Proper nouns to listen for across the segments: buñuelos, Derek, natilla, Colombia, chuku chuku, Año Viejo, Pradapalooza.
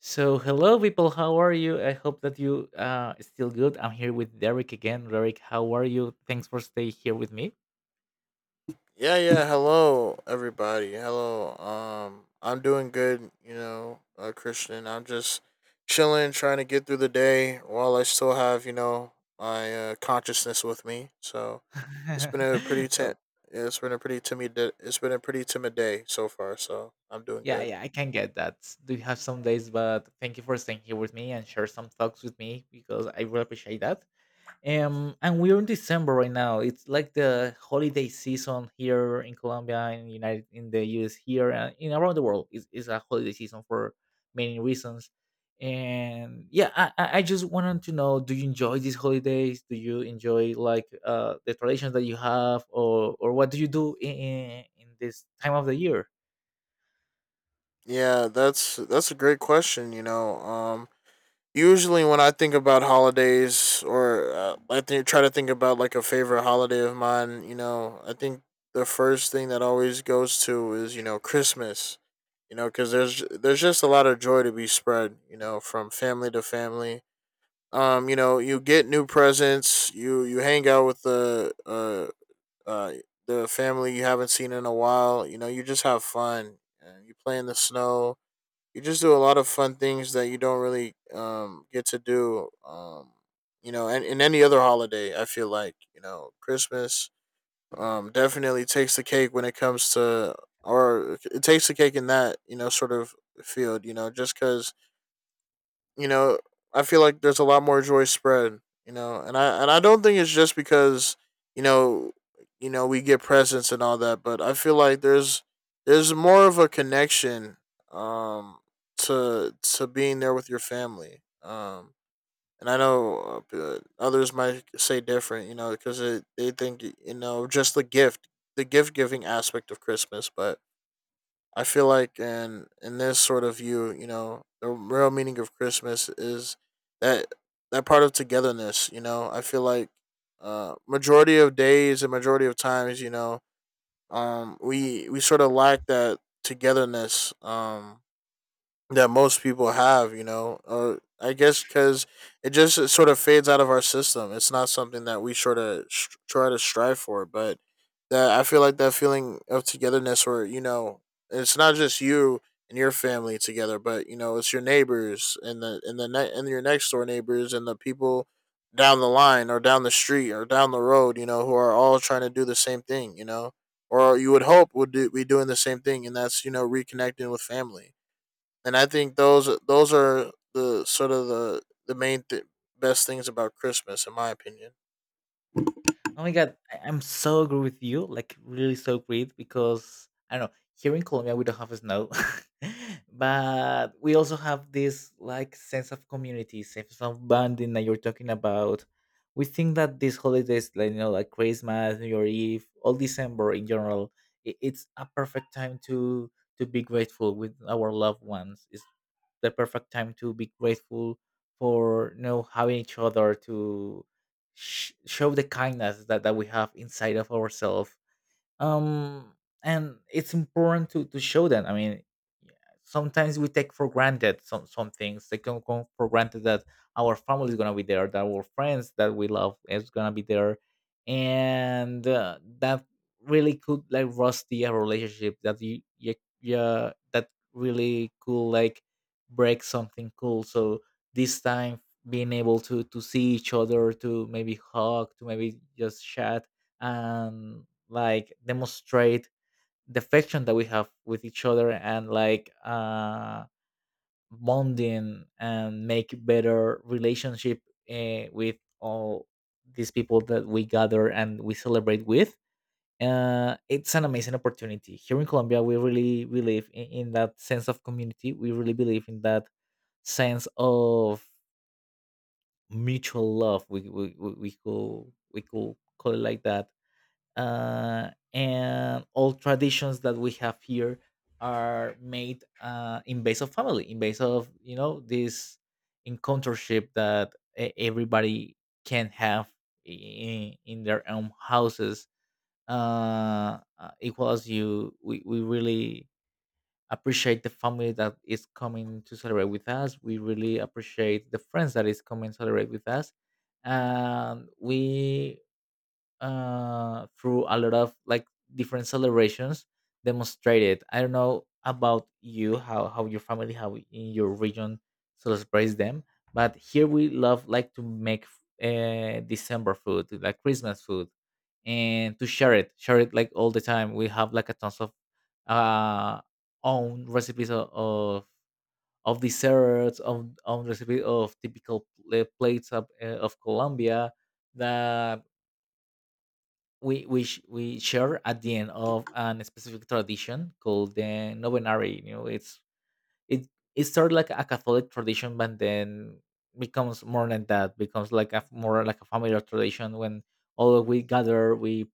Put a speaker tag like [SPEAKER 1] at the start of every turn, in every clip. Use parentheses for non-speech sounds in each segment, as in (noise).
[SPEAKER 1] So, hello, people. How are you? I hope that you still good. I'm here with Derek again. Derek, how are you? Thanks for staying here with me.
[SPEAKER 2] Yeah, yeah. Hello, everybody. Hello. I'm doing good. You know, Christian. I'm just chilling, trying to get through the day while I still have my consciousness with me. So it's
[SPEAKER 1] (laughs)
[SPEAKER 2] been a pretty ten.
[SPEAKER 1] Well,
[SPEAKER 2] Yeah, it's been a pretty It's been a pretty timid day so far. So I'm doing
[SPEAKER 1] yeah,
[SPEAKER 2] good.
[SPEAKER 1] yeah, I can get that. Do you have some days? But thank you for staying here with me and share some thoughts with me because I really appreciate that. And we're in December right now. It's like the holiday season here in Colombia, in United, in the US, here and in around the world. It's a holiday season for many reasons. And yeah, I just wanted to know: do you enjoy these holidays? Do you enjoy like the traditions that you have, or what do you do in this time of the year?
[SPEAKER 2] Yeah, that's a great question. You know, usually when I think about holidays or I think try to think about like a favorite holiday of mine, you know, I think the first thing that always goes to is you know Christmas, you know, because there's just a lot of joy to be spread, you know, from family to family. You know, you get new presents, you hang out with uh the family you haven't seen in a while, you know, you just have fun and you play in the snow, you just do a lot of fun things that you don't really get to do, you know, and in any other holiday I feel like you know Christmas definitely takes the cake when it comes to, or it takes the cake in that you know sort of field, you know, just because you know, I feel like there's a lot more joy spread, you know, and I don't think it's just because you know, you know, we get presents and all that, but I feel like there's more of a connection um to being there with your family. And I know others might say different, you know, because they think you know just the gift giving aspect of Christmas, but I feel like in this sort of view, you know, the real meaning of Christmas is that that part of togetherness. You know, I feel like majority of days and majority of times, you know, we sort of lack that togetherness. That most people have, you know, or I guess because it just it sort of fades out of our system. It's not something that we sort of try to strive for, but that I feel like that feeling of togetherness, where you know, it's not just you and your family together, but you know, it's your neighbors and your next door neighbors and the people down the line or down the street or down the road, you know, who are all trying to do the same thing, you know, or you would hope would do, be doing the same thing, and that's you know reconnecting with family. And I think those are the sort of the the best things about Christmas, in my opinion.
[SPEAKER 1] Oh my god, I'm so agree with you. Like really so great because I don't know. Here in Colombia, we don't have snow, (laughs) but we also have this like sense of community, sense of bonding that you're talking about. We think that these holidays, like you know, like Christmas, New Year Eve, all December in general, I it's a perfect time to be grateful with our loved ones. It's the perfect time to be grateful for you know having each other to show the kindness that we have inside of ourselves, um and it's important to show that. I mean, yeah, sometimes we take for granted some things they can go for granted, that our family is gonna be there, that our friends that we love is gonna be there, and that really could like rusty a relationship that you, yeah, yeah, that really could like break something cool. So this time, being able to see each other, to maybe hug, to maybe just chat and like demonstrate the affection that we have with each other, and like bonding and make better relationship with all these people that we gather and we celebrate with. It's an amazing opportunity. Here in Colombia we really believe in that sense of community. We really believe in that sense of mutual love. We we could, we could call it like that. And all traditions that we have here are made, in base of family, in base of you know this encountership that everybody can have in their own houses. Equal as you, we really appreciate the family that is coming to celebrate with us. We really appreciate the friends that is coming to celebrate with us, and we, through a lot of like different celebrations, demonstrated. I don't know about you, how your family, how in your region celebrates them, but here we love like to make, December food like Christmas food, and to share it, share it like all the time. We have like a tons of uh own recipes of desserts, of, own recipe of typical plates of Colombia, that we we share at the end of an specific tradition called the novenary. You know, it it started like a Catholic tradition, but then becomes more than that. Becomes like a more like a familiar tradition when all we gather, we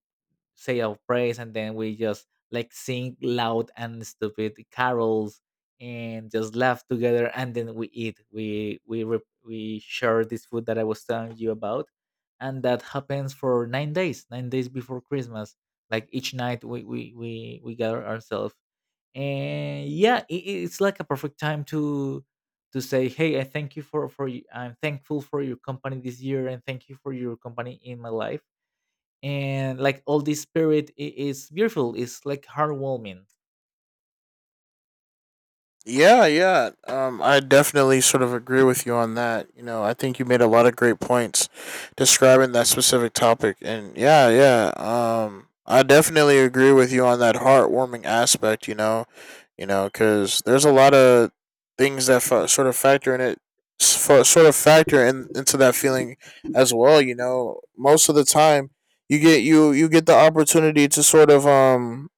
[SPEAKER 1] say our praise and then we just like sing loud and stupid carols and just laugh together, and then we eat, we share this food that I was telling you about. And that happens for 9 days, 9 days before Christmas. Like each night we we gather ourselves, and yeah, it's like a perfect time to say hey, I thank you for I'm thankful for your company this year, and thank you for your company in my life. And like all this spirit is beautiful, it's like heartwarming.
[SPEAKER 2] Yeah, yeah. I definitely sort of agree with you on that. You know, I think you made a lot of great points describing that specific topic. And yeah, yeah. I definitely agree with you on that heartwarming aspect. You know, because there's a lot of things that sort of factor in it, sort of factor in into that feeling as well. You know, most of the time you get the opportunity to sort of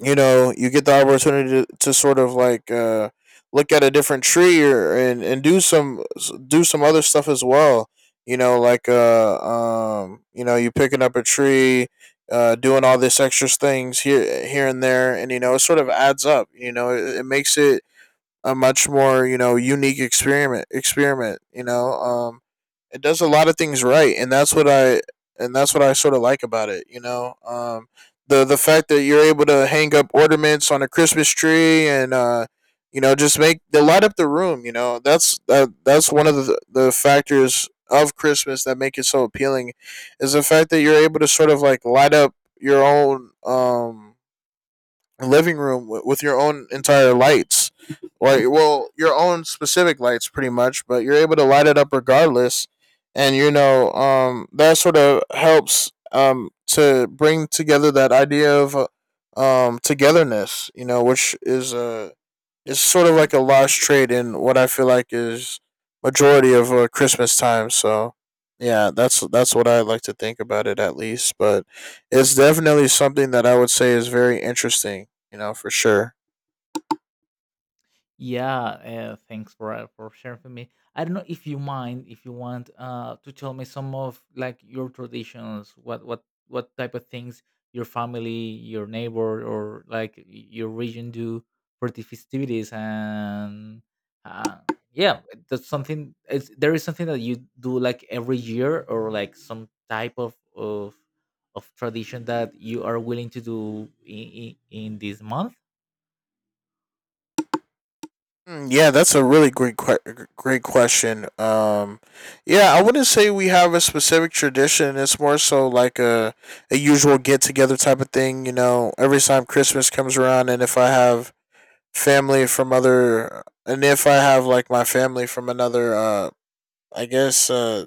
[SPEAKER 2] you know you get the opportunity to sort of like look at a different tree and do some other stuff as well, you know, like you know you picking up a tree, doing all this extra things here here and there, and you know it sort of adds up, you know it, it makes it a much more you know unique experiment you know. It does a lot of things right, and that's what I sort of like about it, you know. The fact that you're able to hang up ornaments on a Christmas tree, and you know just make they light up the room, you know that's that's one of the factors of Christmas that make it so appealing, is the fact that you're able to sort of like light up your own living room with your own entire lights, like well your own specific lights pretty much, but you're able to light it up regardless. And you know that sort of helps to bring together that idea of togetherness, you know, which is a, it's sort of like a lost trade in what I feel like is majority of Christmas time. So yeah, that's what I like to think about it at least. But it's definitely something that I would say is very interesting. You know, for sure.
[SPEAKER 1] Yeah, thanks for sharing with me. I don't know if you mind, if you want to tell me some of like your traditions, what type of things your family, your neighbor, or like your region do for the festivities, and uh, yeah, that's something. Is there is something that you do like every year, or like some type of tradition that you are willing to do in this month?
[SPEAKER 2] Mm, yeah, that's a really great great question. Yeah, I wouldn't say we have a specific tradition. It's more so like a usual get together type of thing. You know, every time Christmas comes around, and if I have family from other and if I have like my family from another I guess uh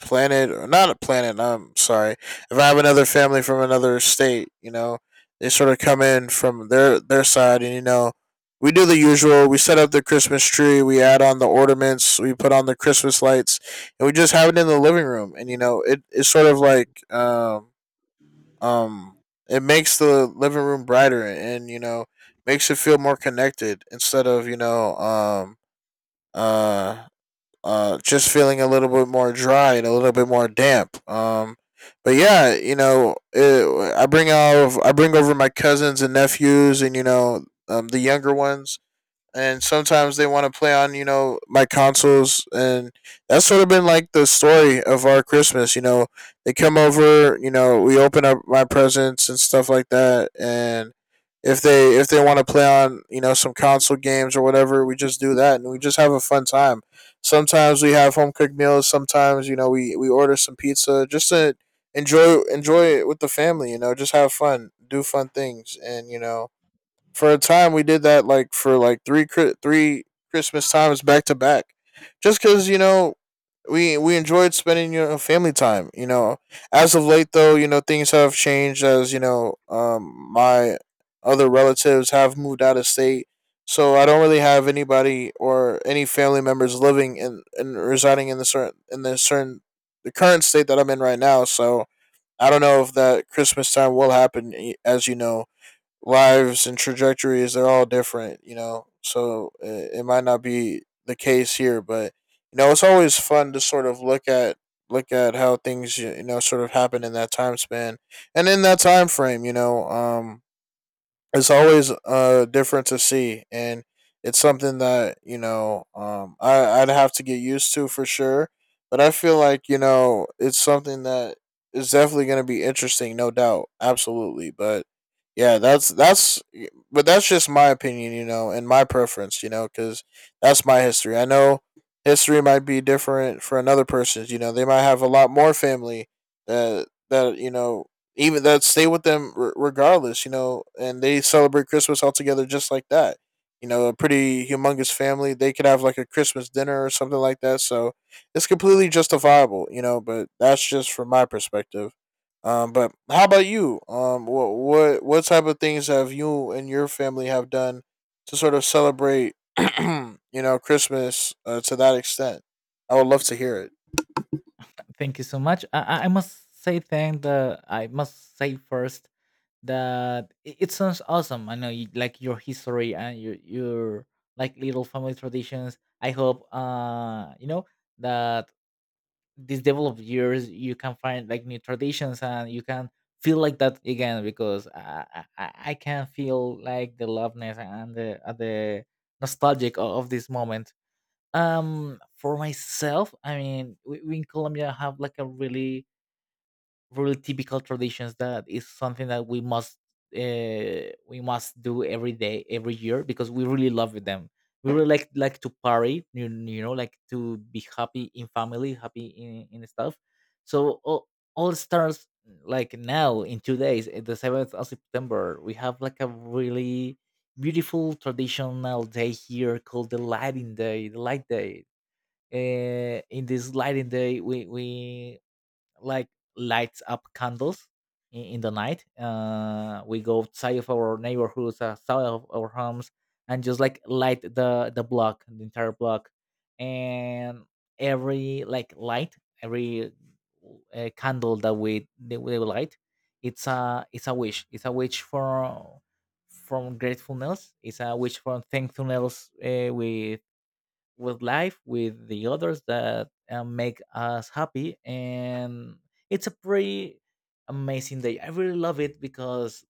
[SPEAKER 2] planet, or not a planet, I'm sorry. If I have another family from another state, you know, they sort of come in from their side, and you know we do the usual. We set up the Christmas tree, we add on the ornaments, we put on the Christmas lights, and we just have it in the living room. And you know, it, it's sort of like um it makes the living room brighter, and you know makes it feel more connected instead of you know uh just feeling a little bit more dry and a little bit more damp. But yeah, you know it, I bring over my cousins and nephews, and you know the younger ones, and sometimes they want to play on you know my consoles. And that's sort of been like the story of our Christmas, you know, they come over, you know we open up my presents and stuff like that, and if they want to play on you know some console games or whatever, we just do that, and we just have a fun time. Sometimes we have home cooked meals, sometimes you know we order some pizza just to enjoy it with the family, you know just have fun, do fun things. And you know for a time we did that like for like three Christmas times back to back, just because you know we enjoyed spending you know family time. You know, as of late though, you know things have changed, as you know my other relatives have moved out of state, so I don't really have anybody or any family members living in and residing in the current state that I'm in right now. So I don't know if that Christmas time will happen, eh, as you know lives and trajectories they're all different, you know, so it might not be the case here. But you know it's always fun to sort of look at how things you know sort of happen in that time span and in that time frame, you know. It's always different to see, and it's something that you know I, I'd have to get used to for sure. But I feel like you know it's something that is definitely going to be interesting, no doubt, absolutely. But yeah, that's just my opinion, you know, and my preference, you know, because that's my history. I know history might be different for another person's, you know, they might have a lot more family that that you know even that stay with them, regardless, you know, and they celebrate Christmas all together just like that. You know, a pretty humongous family. They could have like a Christmas dinner or something like that. So it's completely justifiable, you know. But that's just from my perspective. But how about you? What type of things have you and your family have done to sort of celebrate, (clears throat) you know, Christmas to that extent? I would love to hear it.
[SPEAKER 1] Thank you so much. I must say, thank the I must say first that, it sounds awesome. I know you, like your history and your like little family traditions. I hope you know that these developed years you can find like new traditions, and you can feel like that again, because I can feel like the loveness and the nostalgic of this moment. For myself, I mean, we in Colombia have like a really typical traditions, that is something that we must, we must do every day, every year, because we really love them. We really like, to party. You know, like to be happy in family, happy in stuff. So all starts like now in 2 days. Eh, the 7th of September we have like a really beautiful traditional day here called the lighting day, the light day. In this lighting day, we like lights up candles in the night. We go outside of our neighborhoods, outside of our homes, and just like light the block, the entire block, and every like light, every, candle that we light, it's a wish. It's a wish for from gratefulness. It's a wish for thankfulness, with life, with the others that make us happy. And it's a pretty amazing day. I really love it because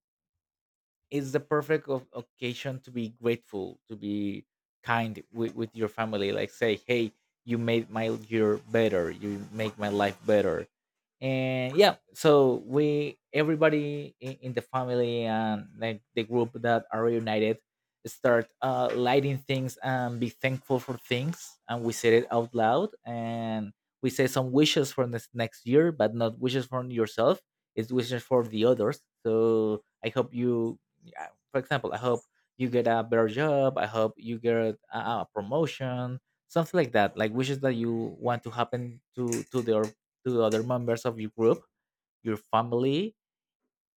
[SPEAKER 1] it's the perfect of occasion to be grateful, to be kind with your family, like say hey, you made my year better, you make my life better. And yeah, so we, everybody in the family and like the group that are united, start lighting things and be thankful for things, and we said it out loud. And we say some wishes for this next year, but not wishes for yourself, it's wishes for the others. So I hope you, uh, for example, I hope you get a better job, I hope you get a promotion, something like that, like wishes that you want to happen to the to other members of your group, your family.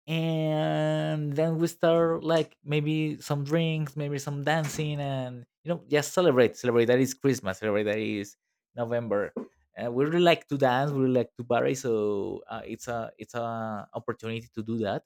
[SPEAKER 1] And then we start like maybe some drinks, maybe some dancing, and you know just celebrate, that is Christmas, celebrate that is November. And we really like to dance, we really like to party, so it's a, it's a opportunity to do that.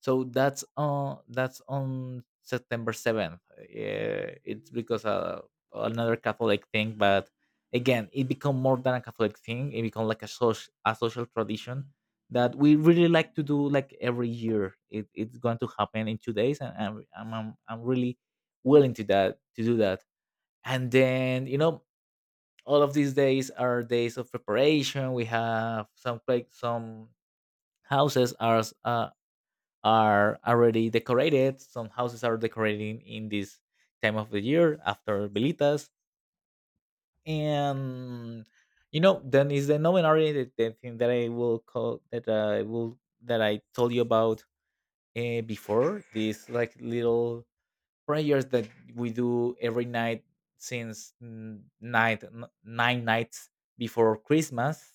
[SPEAKER 1] So that's on, that's on September 7th. Yeah, it's because another Catholic thing, but again it become more than a Catholic thing, it become like a social, a social tradition that we really like to do like every year. It's going to happen in 2 days, and I'm really willing to that to do that. And then you know, all of these days are days of preparation. We have some, like some houses are are already decorated. Some houses are decorating in this time of the year after velitas. And you know, then is the novenary, the thing that I will, that I told you about before, these like little prayers that we do every night since nine nights before Christmas.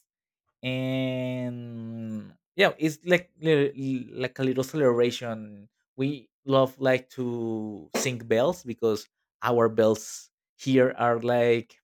[SPEAKER 1] And yeah, it's like like a little celebration. We love like to sing bells because our bells here are like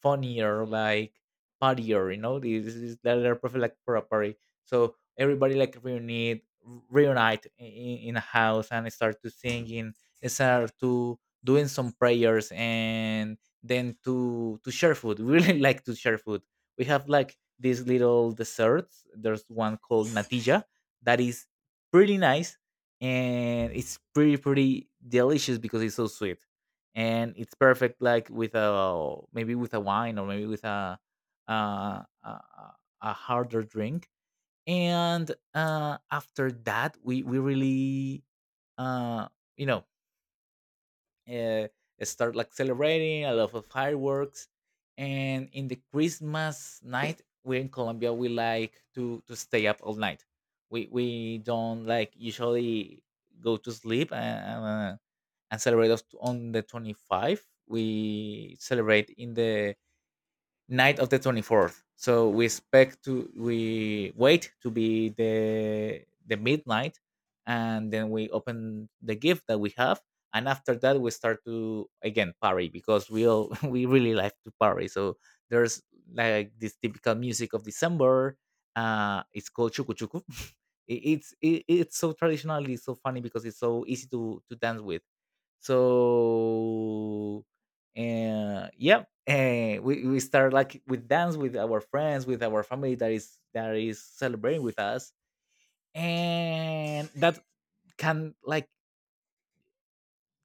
[SPEAKER 1] funnier, like partier, you know, this is that they're perfect like for a party. So everybody like reunite, in a house and start to singing, start to doing some prayers, and then to share food. (laughs) We really like to share food. We have like these little desserts. There's one called natilla, that is pretty nice, and it's pretty delicious because it's so sweet. And it's perfect like with a, maybe with a wine, or maybe with a, a harder drink. And after that we really, uh, you know uh, start like celebrating a lot of fireworks. And in the Christmas night, we in Colombia we like to stay up all night. We don't like usually go to sleep, and celebrate on the 25th. We celebrate in the night of the 24th. So we expect to, we wait to be the midnight, and then we open the gift that we have. And after that we start to again party because we all (laughs) we really like to party. So there's like this typical music of December. It's called chuku chuku. (laughs) It's it's so traditional. It's so funny because it's so easy to dance with, so yeah, we start like with dance with our friends, with our family that is celebrating with us, and that can like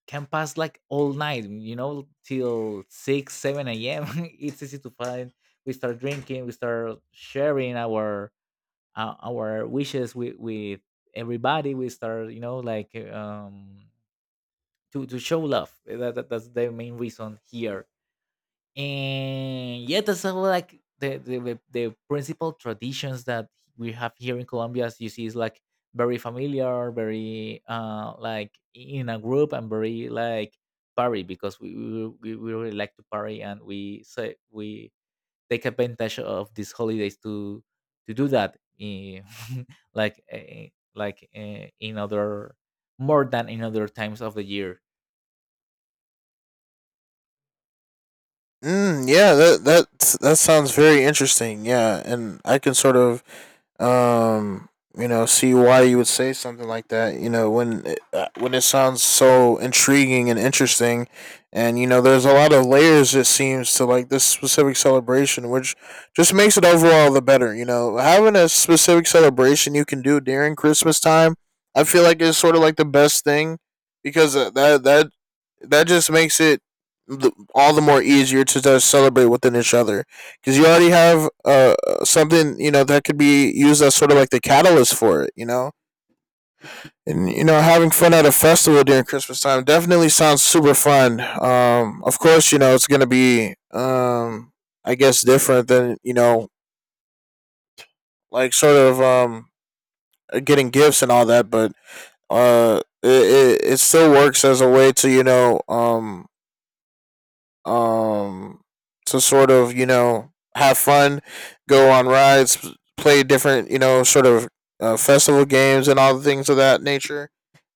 [SPEAKER 1] can pass like all night, you know, till 6 7 a.m. (laughs) It's easy to find. We start drinking, we start sharing our wishes with everybody. We start, you know, like to show love. That's the main reason here. And yeah, that's all like the the principal traditions that we have here in Colombia. As you see, is like very familiar, very like in a group, and very like party because we really like to party. And we say we take advantage of these holidays to do that, (laughs) like like in other, more than in other times of the year.
[SPEAKER 2] Mm, yeah, that sounds very interesting. Yeah, and I can sort of um you know see why you would say something like that you know when when it sounds so intriguing and interesting, and you know there's a lot of layers it seems to like this specific celebration, which just makes it overall the better, you know, having a specific celebration you can do during Christmas time. I feel like it's sort of like the best thing because that just makes it all the more easier to just celebrate within each other because you already have something you know that could be used as sort of like the catalyst for it. You know, and you know having fun at a festival during Christmas time definitely sounds super fun. Of course, you know it's gonna be I guess different than you know like sort of getting gifts and all that, but it still works as a way to you know um, to sort of you know have fun, go on rides, play different you know sort of festival games and all the things of that nature.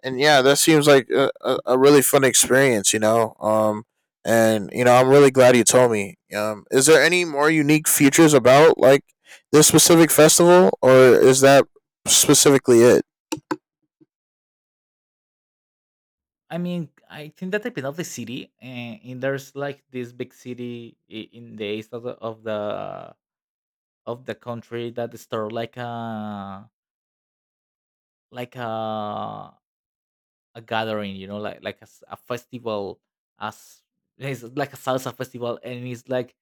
[SPEAKER 2] And yeah, that seems like a really fun experience, you know. And you know, I'm really glad you told me. Is there any more unique features about like this specific festival, or is that specifically it?
[SPEAKER 1] I mean, I think that depends of the city, and there's like this big city, in the east of the of the of the country, that start like a gathering, you know, like a festival, as it's like a salsa festival, and it's like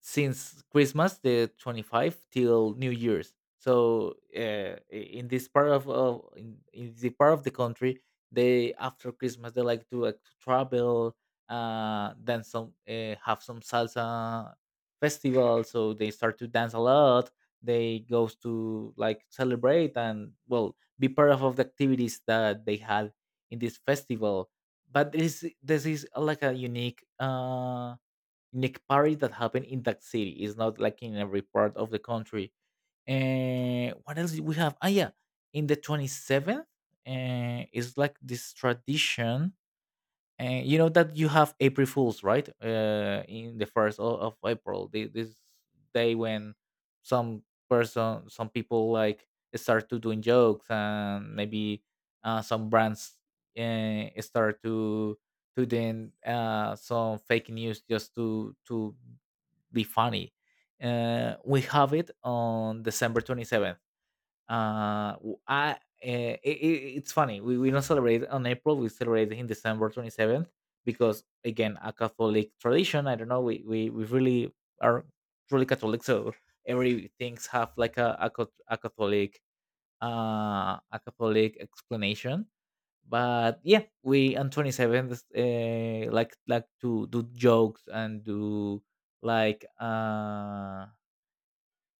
[SPEAKER 1] since Christmas, the 25th, till New Year's. So in this part in the part of the country, they, after Christmas, they like, to travel, then some have some salsa festival. So they start to dance a lot. They goes to like celebrate and well be part of the activities that they had in this festival. But this is like a unique, unique party that happened in that city. It's not like in every part of the country. And what else do we have? Ah, yeah, in the 27th, it's like this tradition. And you know that you have April Fools, right? In the first of April, this day when some person, some people like start to doing jokes, and maybe some brands start to then some fake news just to be funny. We have it on December 27th. Uh, w- I uh, it's funny. We don't celebrate on April. We celebrate in December 27th because, again, a Catholic tradition. I don't know. We really are truly Catholic, so everything's have like a Catholic explanation. But yeah, we on 27th like to do jokes and do like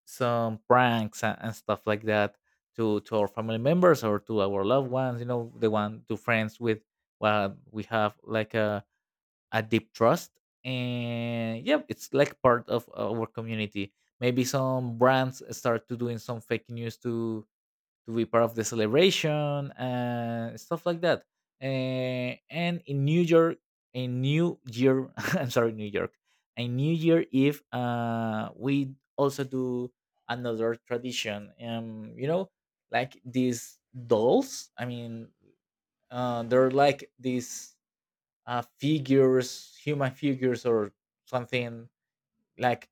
[SPEAKER 1] some pranks and stuff like that to our family members or to our loved ones, you know, the one to friends with, well, we have like a deep trust. And yeah, it's like part of our community. Maybe some brands start to doing some fake news to be part of the celebration and stuff like that. And in New York, a New Year, (laughs) I'm sorry, New York, a New Year Eve, we also do another tradition. You know, like these dolls. I mean, they're like these figures, human figures, or something like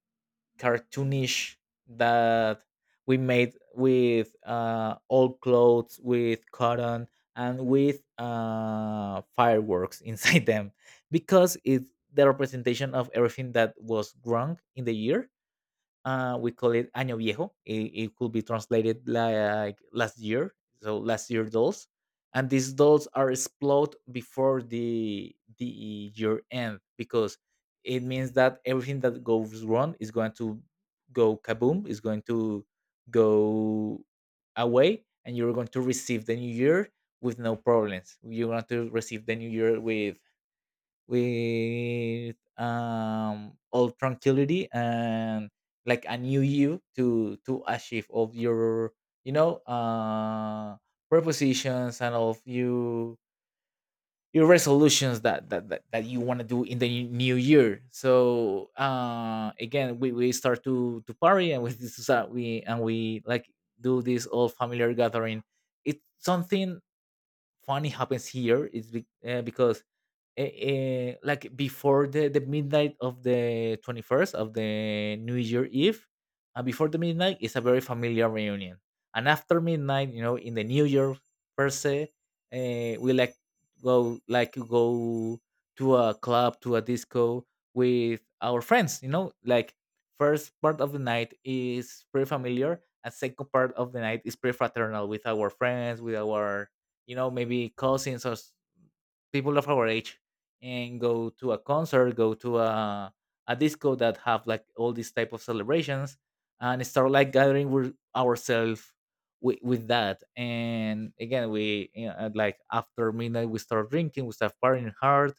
[SPEAKER 1] cartoonish that we made with old clothes, with cotton, and with fireworks (laughs) inside them, because it's the representation of everything that was wrong in the year. Uh, we call it Año Viejo. It could be translated like last year, so last year dolls. And these dolls are explode before the year end because it means that everything that goes wrong is going to go kaboom, is going to go away, and you're going to receive the new year with no problems. You're going to receive the new year with all tranquility and like a new you to achieve of your, you know, propositions and of you your resolutions that you want to do in the new year. So again, we start to party. And with (laughs) this is that we and we like do this all familiar gathering. It's something funny happens here, is because like before the midnight of the 21st of the new year eve. And before the midnight is a very familiar reunion, and after midnight, you know, in the new year per se, we like go like to go to a club, to a disco with our friends, you know, like first part of the night is pretty familiar, and second part of the night is pretty fraternal with our friends, with our, you know, maybe cousins people of our age, and go to a concert, go to a disco that have like all these type of celebrations and start like gathering with ourselves with that. And again, we, you know, like after midnight we start drinking, we start partying hard.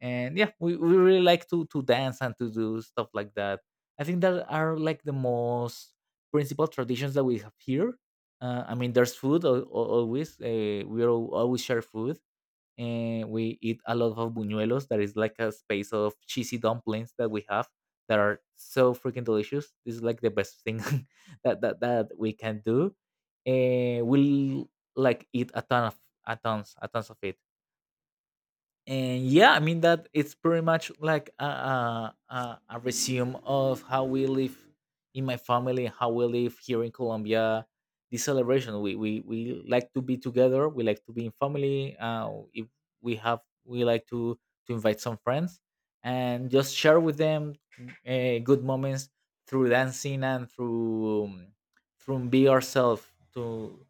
[SPEAKER 1] And yeah, we really like to dance and to do stuff like that. I think that are like the most principal traditions that we have here. I mean, there's food, always. We always share food. And we eat a lot of buñuelos, that is like a space of cheesy dumplings that we have, that are so freaking delicious. This is like the best thing (laughs) that we can do. And we'll like eat a ton of a tons of it. And yeah, I mean, that it's pretty much like a resume of how we live in my family, how we live here in Colombia. This celebration, we we like to be together, we like to be in family. Uh, if we have, we like to invite some friends and just share with them good moments through dancing and through through be ourselves to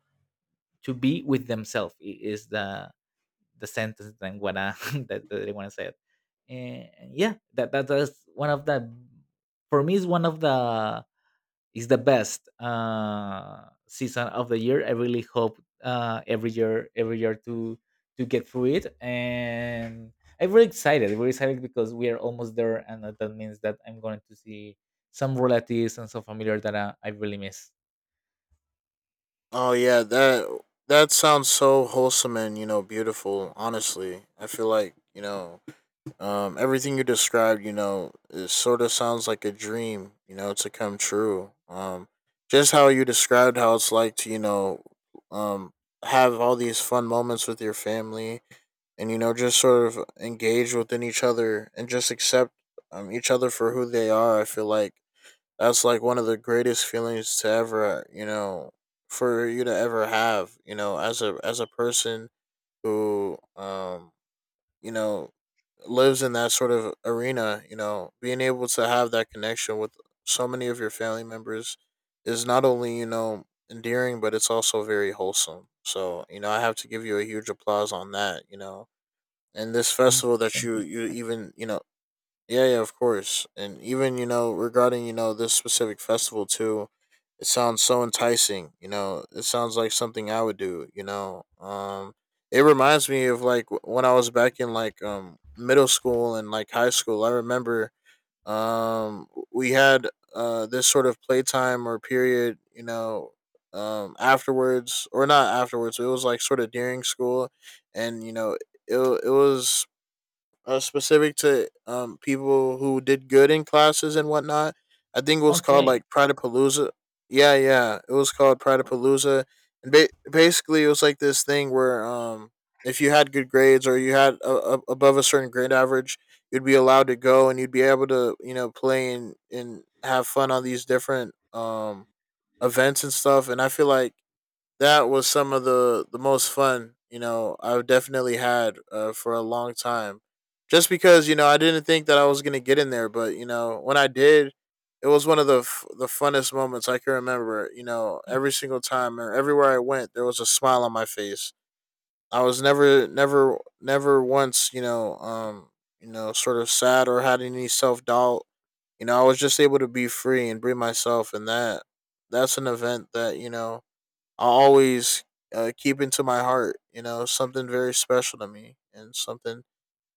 [SPEAKER 1] to be with themselves. Is the sentence that I'm gonna (laughs) that I wanna say it. And yeah, that that is one of the, for me is one of the, is the best season of the year. I really hope every year, to get through it. And I'm very excited, very excited, because we are almost there, and that that means that I'm going to see some relatives and some familiar that I really miss. (laughs)
[SPEAKER 2] Oh yeah, that that sounds so wholesome and you know beautiful. Honestly, I feel like you know everything you described. You know, it sort of sounds like a dream. You know, to come true. Just how you described how it's like to you know um, have all these fun moments with your family and you know just sort of engage within each other and just accept each other for who they are. I feel like that's like one of the greatest feelings to ever, you know, for you to ever have, you know, as a person who you know, lives in that sort of arena, you know, being able to have that connection with so many of your family members is not only, you know, endearing, but it's also very wholesome. So, you know, I have to give you a huge applause on that, you know. And this
[SPEAKER 1] Mm.
[SPEAKER 2] festival that
[SPEAKER 1] Thank
[SPEAKER 2] you
[SPEAKER 1] you
[SPEAKER 2] you
[SPEAKER 1] so much.
[SPEAKER 2] even, you know, yeah, yeah, of course. And even, you know, regarding, you know, this specific festival too, it sounds so enticing, you know. It sounds like something I would do, you know. Um, it reminds me of like when I was back in like middle school and like high school. I remember we had this sort of playtime or period, you know, um, afterwards or not afterwards. It was like sort of during school, and you know, it it was specific to people who did good in classes and whatnot. I think it was called
[SPEAKER 1] Okay.
[SPEAKER 2] like Pradapalooza. Yeah, yeah, it was called Pradapalooza, and basically it was like this thing where if you had good grades or you had above a certain grade average, you'd be allowed to go and you'd be able to you know play and have fun on these different events and stuff. And I feel like that was some of the most fun you know I've definitely had for a long time. Just because you know I didn't think that I was gonna get in there, but you know when I did, it was one of the funnest moments I can remember. You know every single time or everywhere I went, there was a smile on my face. I was never once you know sort of sad or had any self doubt. You know I was just able to be free and be myself, and that's an event that you know I'll always keep into my heart. You know, something very special to me and something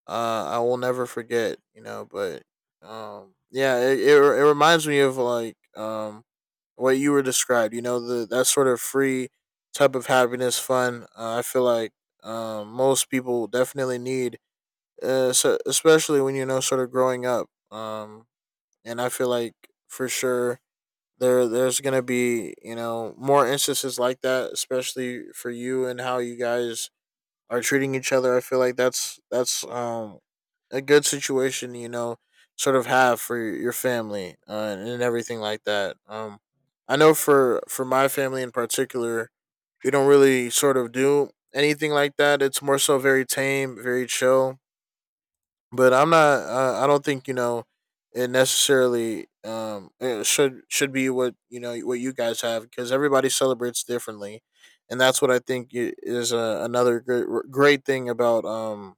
[SPEAKER 2] I will never forget. You know, but yeah, it reminds me of like what you were described. You know, the that sort of free type of happiness, fun. I feel like most people definitely need, so, especially when you know, sort of growing up. And I feel like for sure there's gonna be you know more instances like that especially for you and how you guys are treating each other. I feel like that's a good situation you know sort of have for your family, and everything like that. Um, I know for my family in particular, we don't really sort of do anything like that. It's more so very tame, very chill. But I'm not. I don't think you know it necessarily it should be what you know what you guys have because everybody celebrates differently, and that's what I think is another great thing about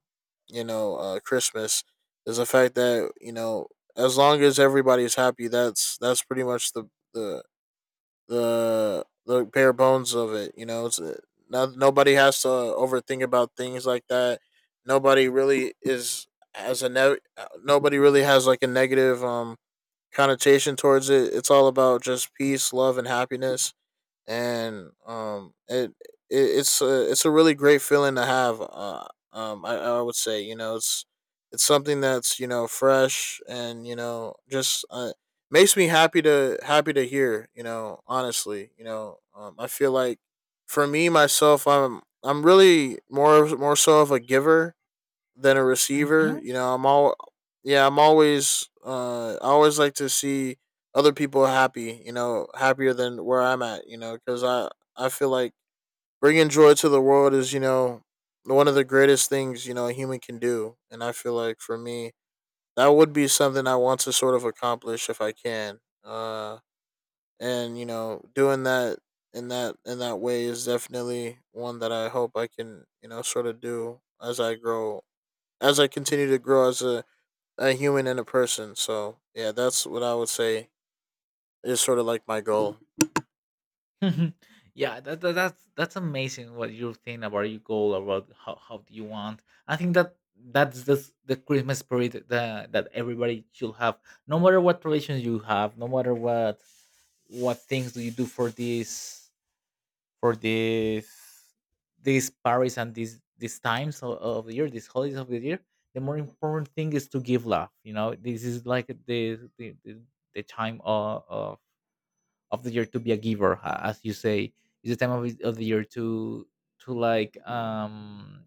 [SPEAKER 2] you know Christmas is the fact that you know as long as everybody's happy, that's pretty much the the bare bones of it. You know, it's no, nobody has to overthink about things like that. Nobody really is has a ne- Nobody really has like a negative connotation towards it. It's all about just peace, love, and happiness, and it's a it's a really great feeling to have I would say you know it's something that's you know fresh and you know just makes me happy to hear you know honestly you know I feel like for me myself I'm really more so of a giver than a receiver.
[SPEAKER 1] Mhm.
[SPEAKER 2] You know, I'm all yeah, I'm always I always like to see other people happy, you know, happier than where I'm at, you know, cuz I feel like bringing joy to the world is, you know, one of the greatest things, you know, a human can do. And I feel like for me, that would be something I want to sort of accomplish if I can. Uh, and you know, doing that in that way is definitely one that I hope I can, you know, sort of do as I grow, as I continue to grow as a human and a person. So yeah, that's what I would say is sort of like my goal.
[SPEAKER 1] (laughs) Yeah, that's amazing what you think about your goal, about how do you want. I think that that's the Christmas spirit that that everybody should have, no matter what traditions you have, no matter what things do you do for this this Paris and these times of the year, these holidays of the year. The more important thing is to give love. You know, this is like the time of the year to be a giver, as you say. It's the time of the year to like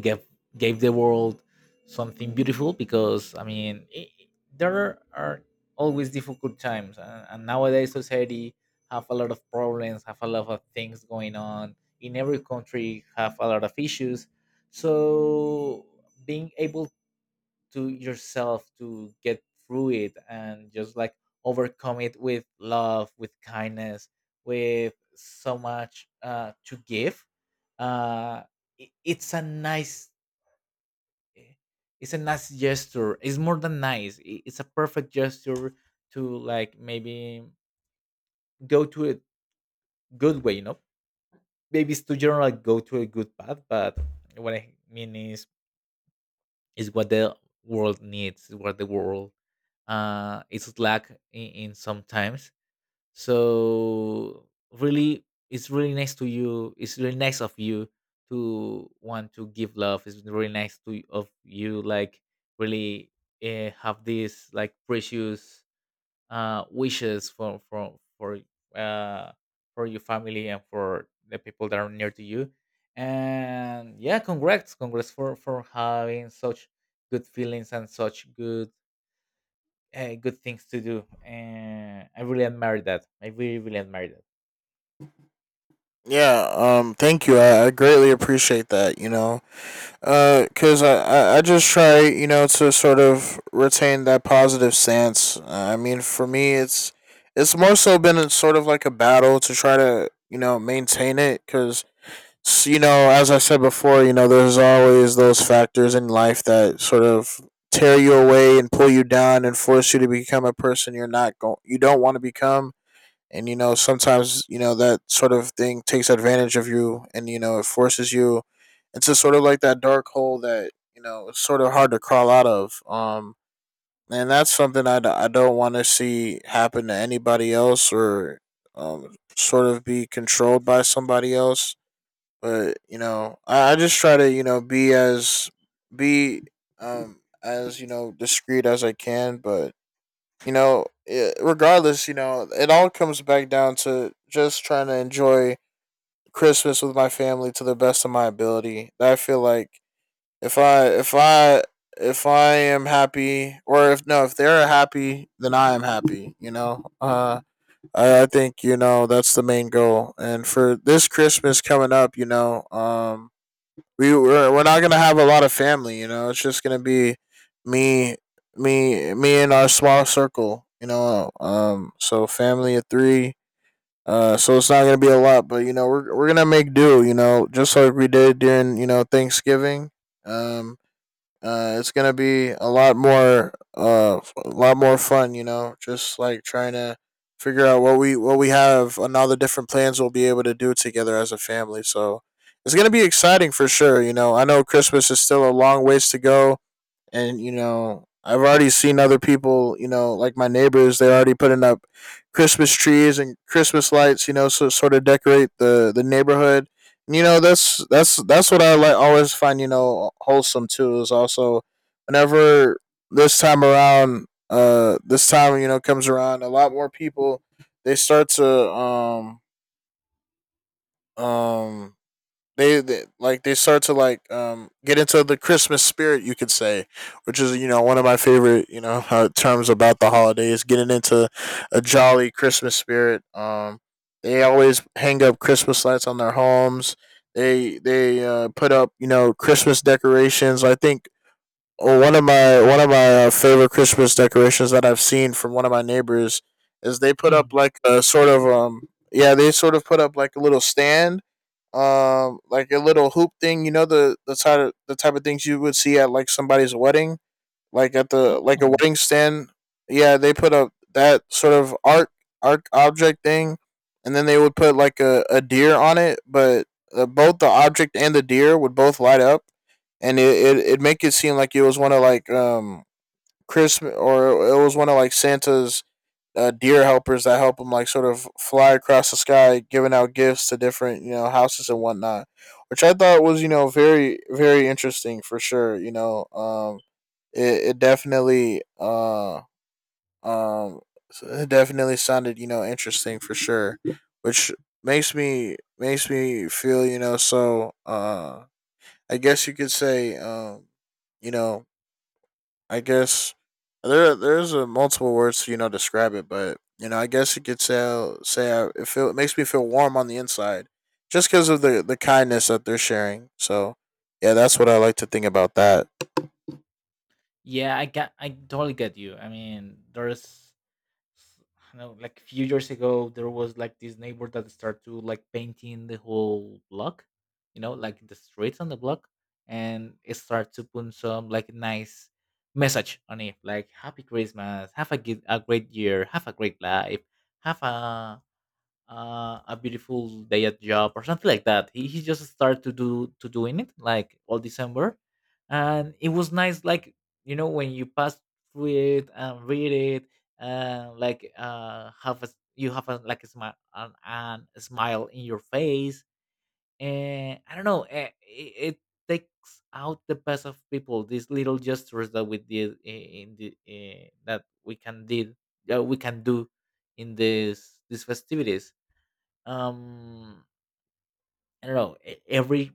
[SPEAKER 1] give gave the world something beautiful. Because I mean, there are always difficult times, and nowadays society have a lot of problems, have a lot of things going on, in every country have a lot of issues. So, being able to yourself to get through it and just like overcome it with love, with kindness, with so much to give, uh, it's a nice, it's a nice gesture. It's more than nice, it's a perfect gesture to like maybe go to a good way, you know, maybe it's too general, like go to a good path. But what I mean is what the world needs, is what the world is lack in sometimes. So really, it's really nice to you. It's really nice of you to want to give love. It's really nice to of you, like really have this like precious wishes uh, for your family and for the people that are near to you. And yeah, congrats, congrats for having such good feelings and such good good things to do. And I really admire that. I really really admire that.
[SPEAKER 2] Yeah, thank you. I greatly appreciate that, you know, because I just try, you know, to sort of retain that positive stance. I mean, for me, it's more so been a, sort of like a battle to try to, you know, maintain it because you know, as I said before, you know, there's always those factors in life that sort of tear you away and pull you down and force you to become a person you're not going, you don't want to become. And you know, sometimes you know that sort of thing takes advantage of you, and you know, it forces you into sort of like that dark hole that you know it's sort of hard to crawl out of. And that's something I don't want to see happen to anybody else or sort of be controlled by somebody else. But you know, I just try to you know be as you know discreet as I can. But you know, it, regardless, you know, it all comes back down to just trying to enjoy Christmas with my family to the best of my ability. I feel like if I if I if I am happy, or if no, if they're happy, then I am happy. You know, I think you know that's the main goal. And for this Christmas coming up, you know, we're not gonna have a lot of family. You know, it's just gonna be me me and our small circle, you know, um, so family of three. Uh, so it's not gonna be a lot, but you know we're gonna make do you know just like we did during you know Thanksgiving. um it's gonna be a lot more, a lot more fun. You know, just like trying to figure out what we have and all the different plans we'll be able to do together as a family. So it's gonna be exciting for sure. You know, I know Christmas is still a long ways to go, and you know I've already seen other people, you know, like my neighbors. They're already putting up Christmas trees and Christmas lights, you know, so sort of decorate the neighborhood. And, you know, that's what I like always find you know wholesome too is also whenever this time around this time you know comes around, a lot more people they start to um they like they start to like get into the Christmas spirit, you could say, which is you know one of my favorite you know terms about the holidays, getting into a jolly Christmas spirit. They always hang up Christmas lights on their homes. They put up you know Christmas decorations. I think oh, one of my favorite Christmas decorations that I've seen from one of my neighbors is they put
[SPEAKER 1] Hmm.
[SPEAKER 2] up like a sort of yeah they sort of put up like a little stand like a little hoop thing, you know, the type of the type of things you would see at like somebody's wedding, like at the like a
[SPEAKER 1] Oh,
[SPEAKER 2] wedding stand. Yeah, they put up that sort of art, art object thing, and then they would put like a deer on it. But both the object and the deer would both light up, and it'd make it seem like it was one of like Christmas, or it was one of like Santa's deer helpers that help them like sort of fly across the sky, giving out gifts to different, you know, houses and whatnot, which I thought was, you know, very very interesting for sure. It definitely um it definitely sounded, you know, interesting for sure, which makes me feel, you know, so I guess you could say you know I guess there's a multiple words to, you know, describe it. But, you know, I guess you could say say I, it, feel, it makes me feel warm on the inside just because of the kindness that they're sharing. So yeah, that's what I like to think about that.
[SPEAKER 1] yeah, I totally get you. I mean, there's s- I know, like few years ago, there was like this neighbor that started to like painting the whole block, you know, like the streets on the block. And it started to put some like nice message on it, like Happy Christmas, have a good, a great year, have a great life, have a beautiful day at job or something like that. He just started to do to doing it like all December, and it was nice. Like, you know, when you pass through it and read it, like have you have a like a smile in your face. And I don't know, it takes out the best of people. These little gestures that we did in the that we can did, that we can do in this these festivities. Um, I don't know, every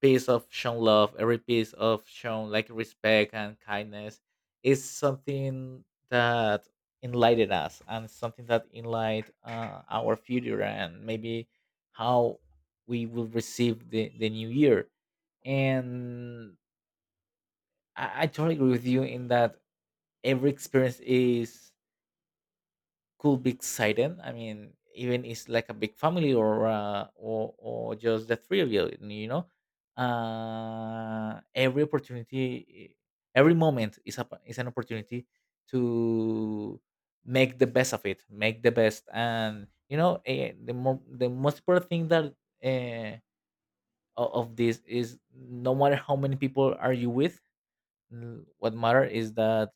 [SPEAKER 1] piece of shown love, every piece of shown like respect and kindness is something that enlightened us, and something that enlight, our future. And maybe how we will receive the new year. And I totally agree with you in that every experience is could be exciting. I mean, even it's like a big family or or just the three of you. You know, every opportunity, every moment is is an opportunity to make the best of it, make the best. And you know, the most important thing that uh, of this is no matter how many people are you with, mm, what matter is that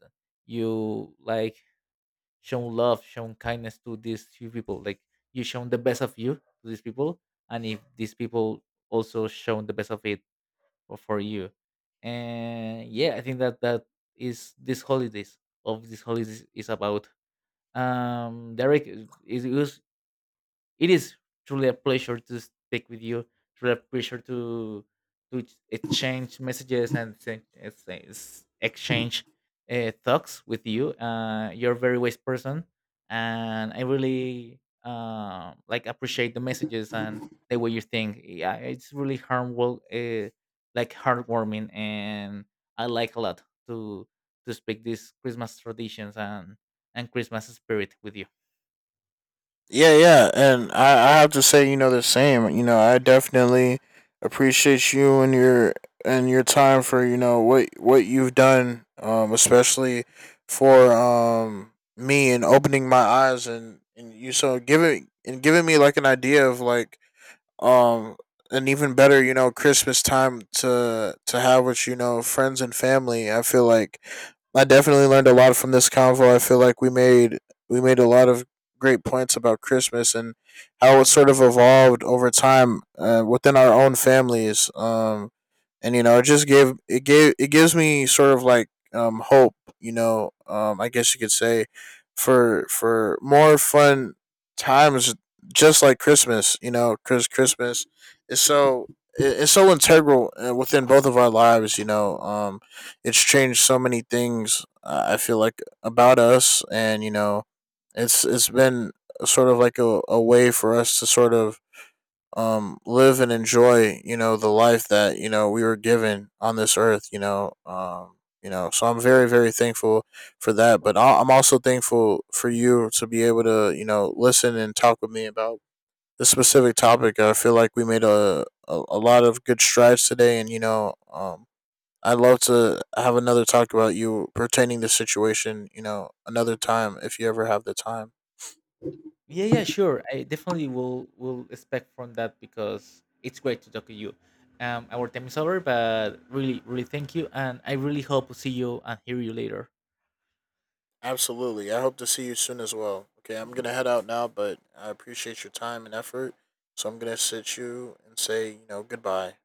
[SPEAKER 1] you like shown love, shown kindness to these few people. Like, you shown the best of you to these people, and if these people also shown the best of it for you. And yeah, I think that that is this holidays, of these holidays is about. Derek, it was, it is truly a pleasure to speak with you. Truly a pleasure to exchange messages and exchange thoughts with you. You're a very wise person, and I really like appreciate the messages and the way you think. Yeah, it's really harmful, like heartwarming. And I like a lot to to speak these Christmas traditions and Christmas spirit with you.
[SPEAKER 2] Yeah, yeah, and I have to say, you know, the same. You know, I definitely appreciate you and your time for, you know, what you've done, especially for me and opening my eyes, and you so giving and giving me like an idea of like um and even better, you know, Christmas time to have with, you know, friends and family. I feel like I definitely learned a lot from this convo. I feel like we made a lot of great points about Christmas and how it sort of evolved over time within our own families. And you know, it just gave it gives me sort of like hope, you know. I guess you could say for more fun times just like Christmas, you know, because Christmas is so it's so integral within both of our lives. You know, it's changed so many things. I feel like about us, and you know, it's been sort of like a way for us to sort of live and enjoy, you know, the life that, you know, we were given on this earth, you know. So I'm very very thankful for that. But I'm also thankful for you to be able to, you know, listen and talk with me about this specific topic. I feel like we made a lot of good strides today, and you know, I'd love to have another talk about you pertaining to the situation. You know, another time if you ever have the time.
[SPEAKER 1] Yeah, yeah, sure. I definitely will expect from that because it's great to talk to you. Our time is over, but really, really thank you, and I really hope to see you and hear you later.
[SPEAKER 2] Absolutely. I hope to see you soon as well. Okay, I'm gonna head out now, but I appreciate your time and effort. So I'm gonna sit you and say, you know, goodbye.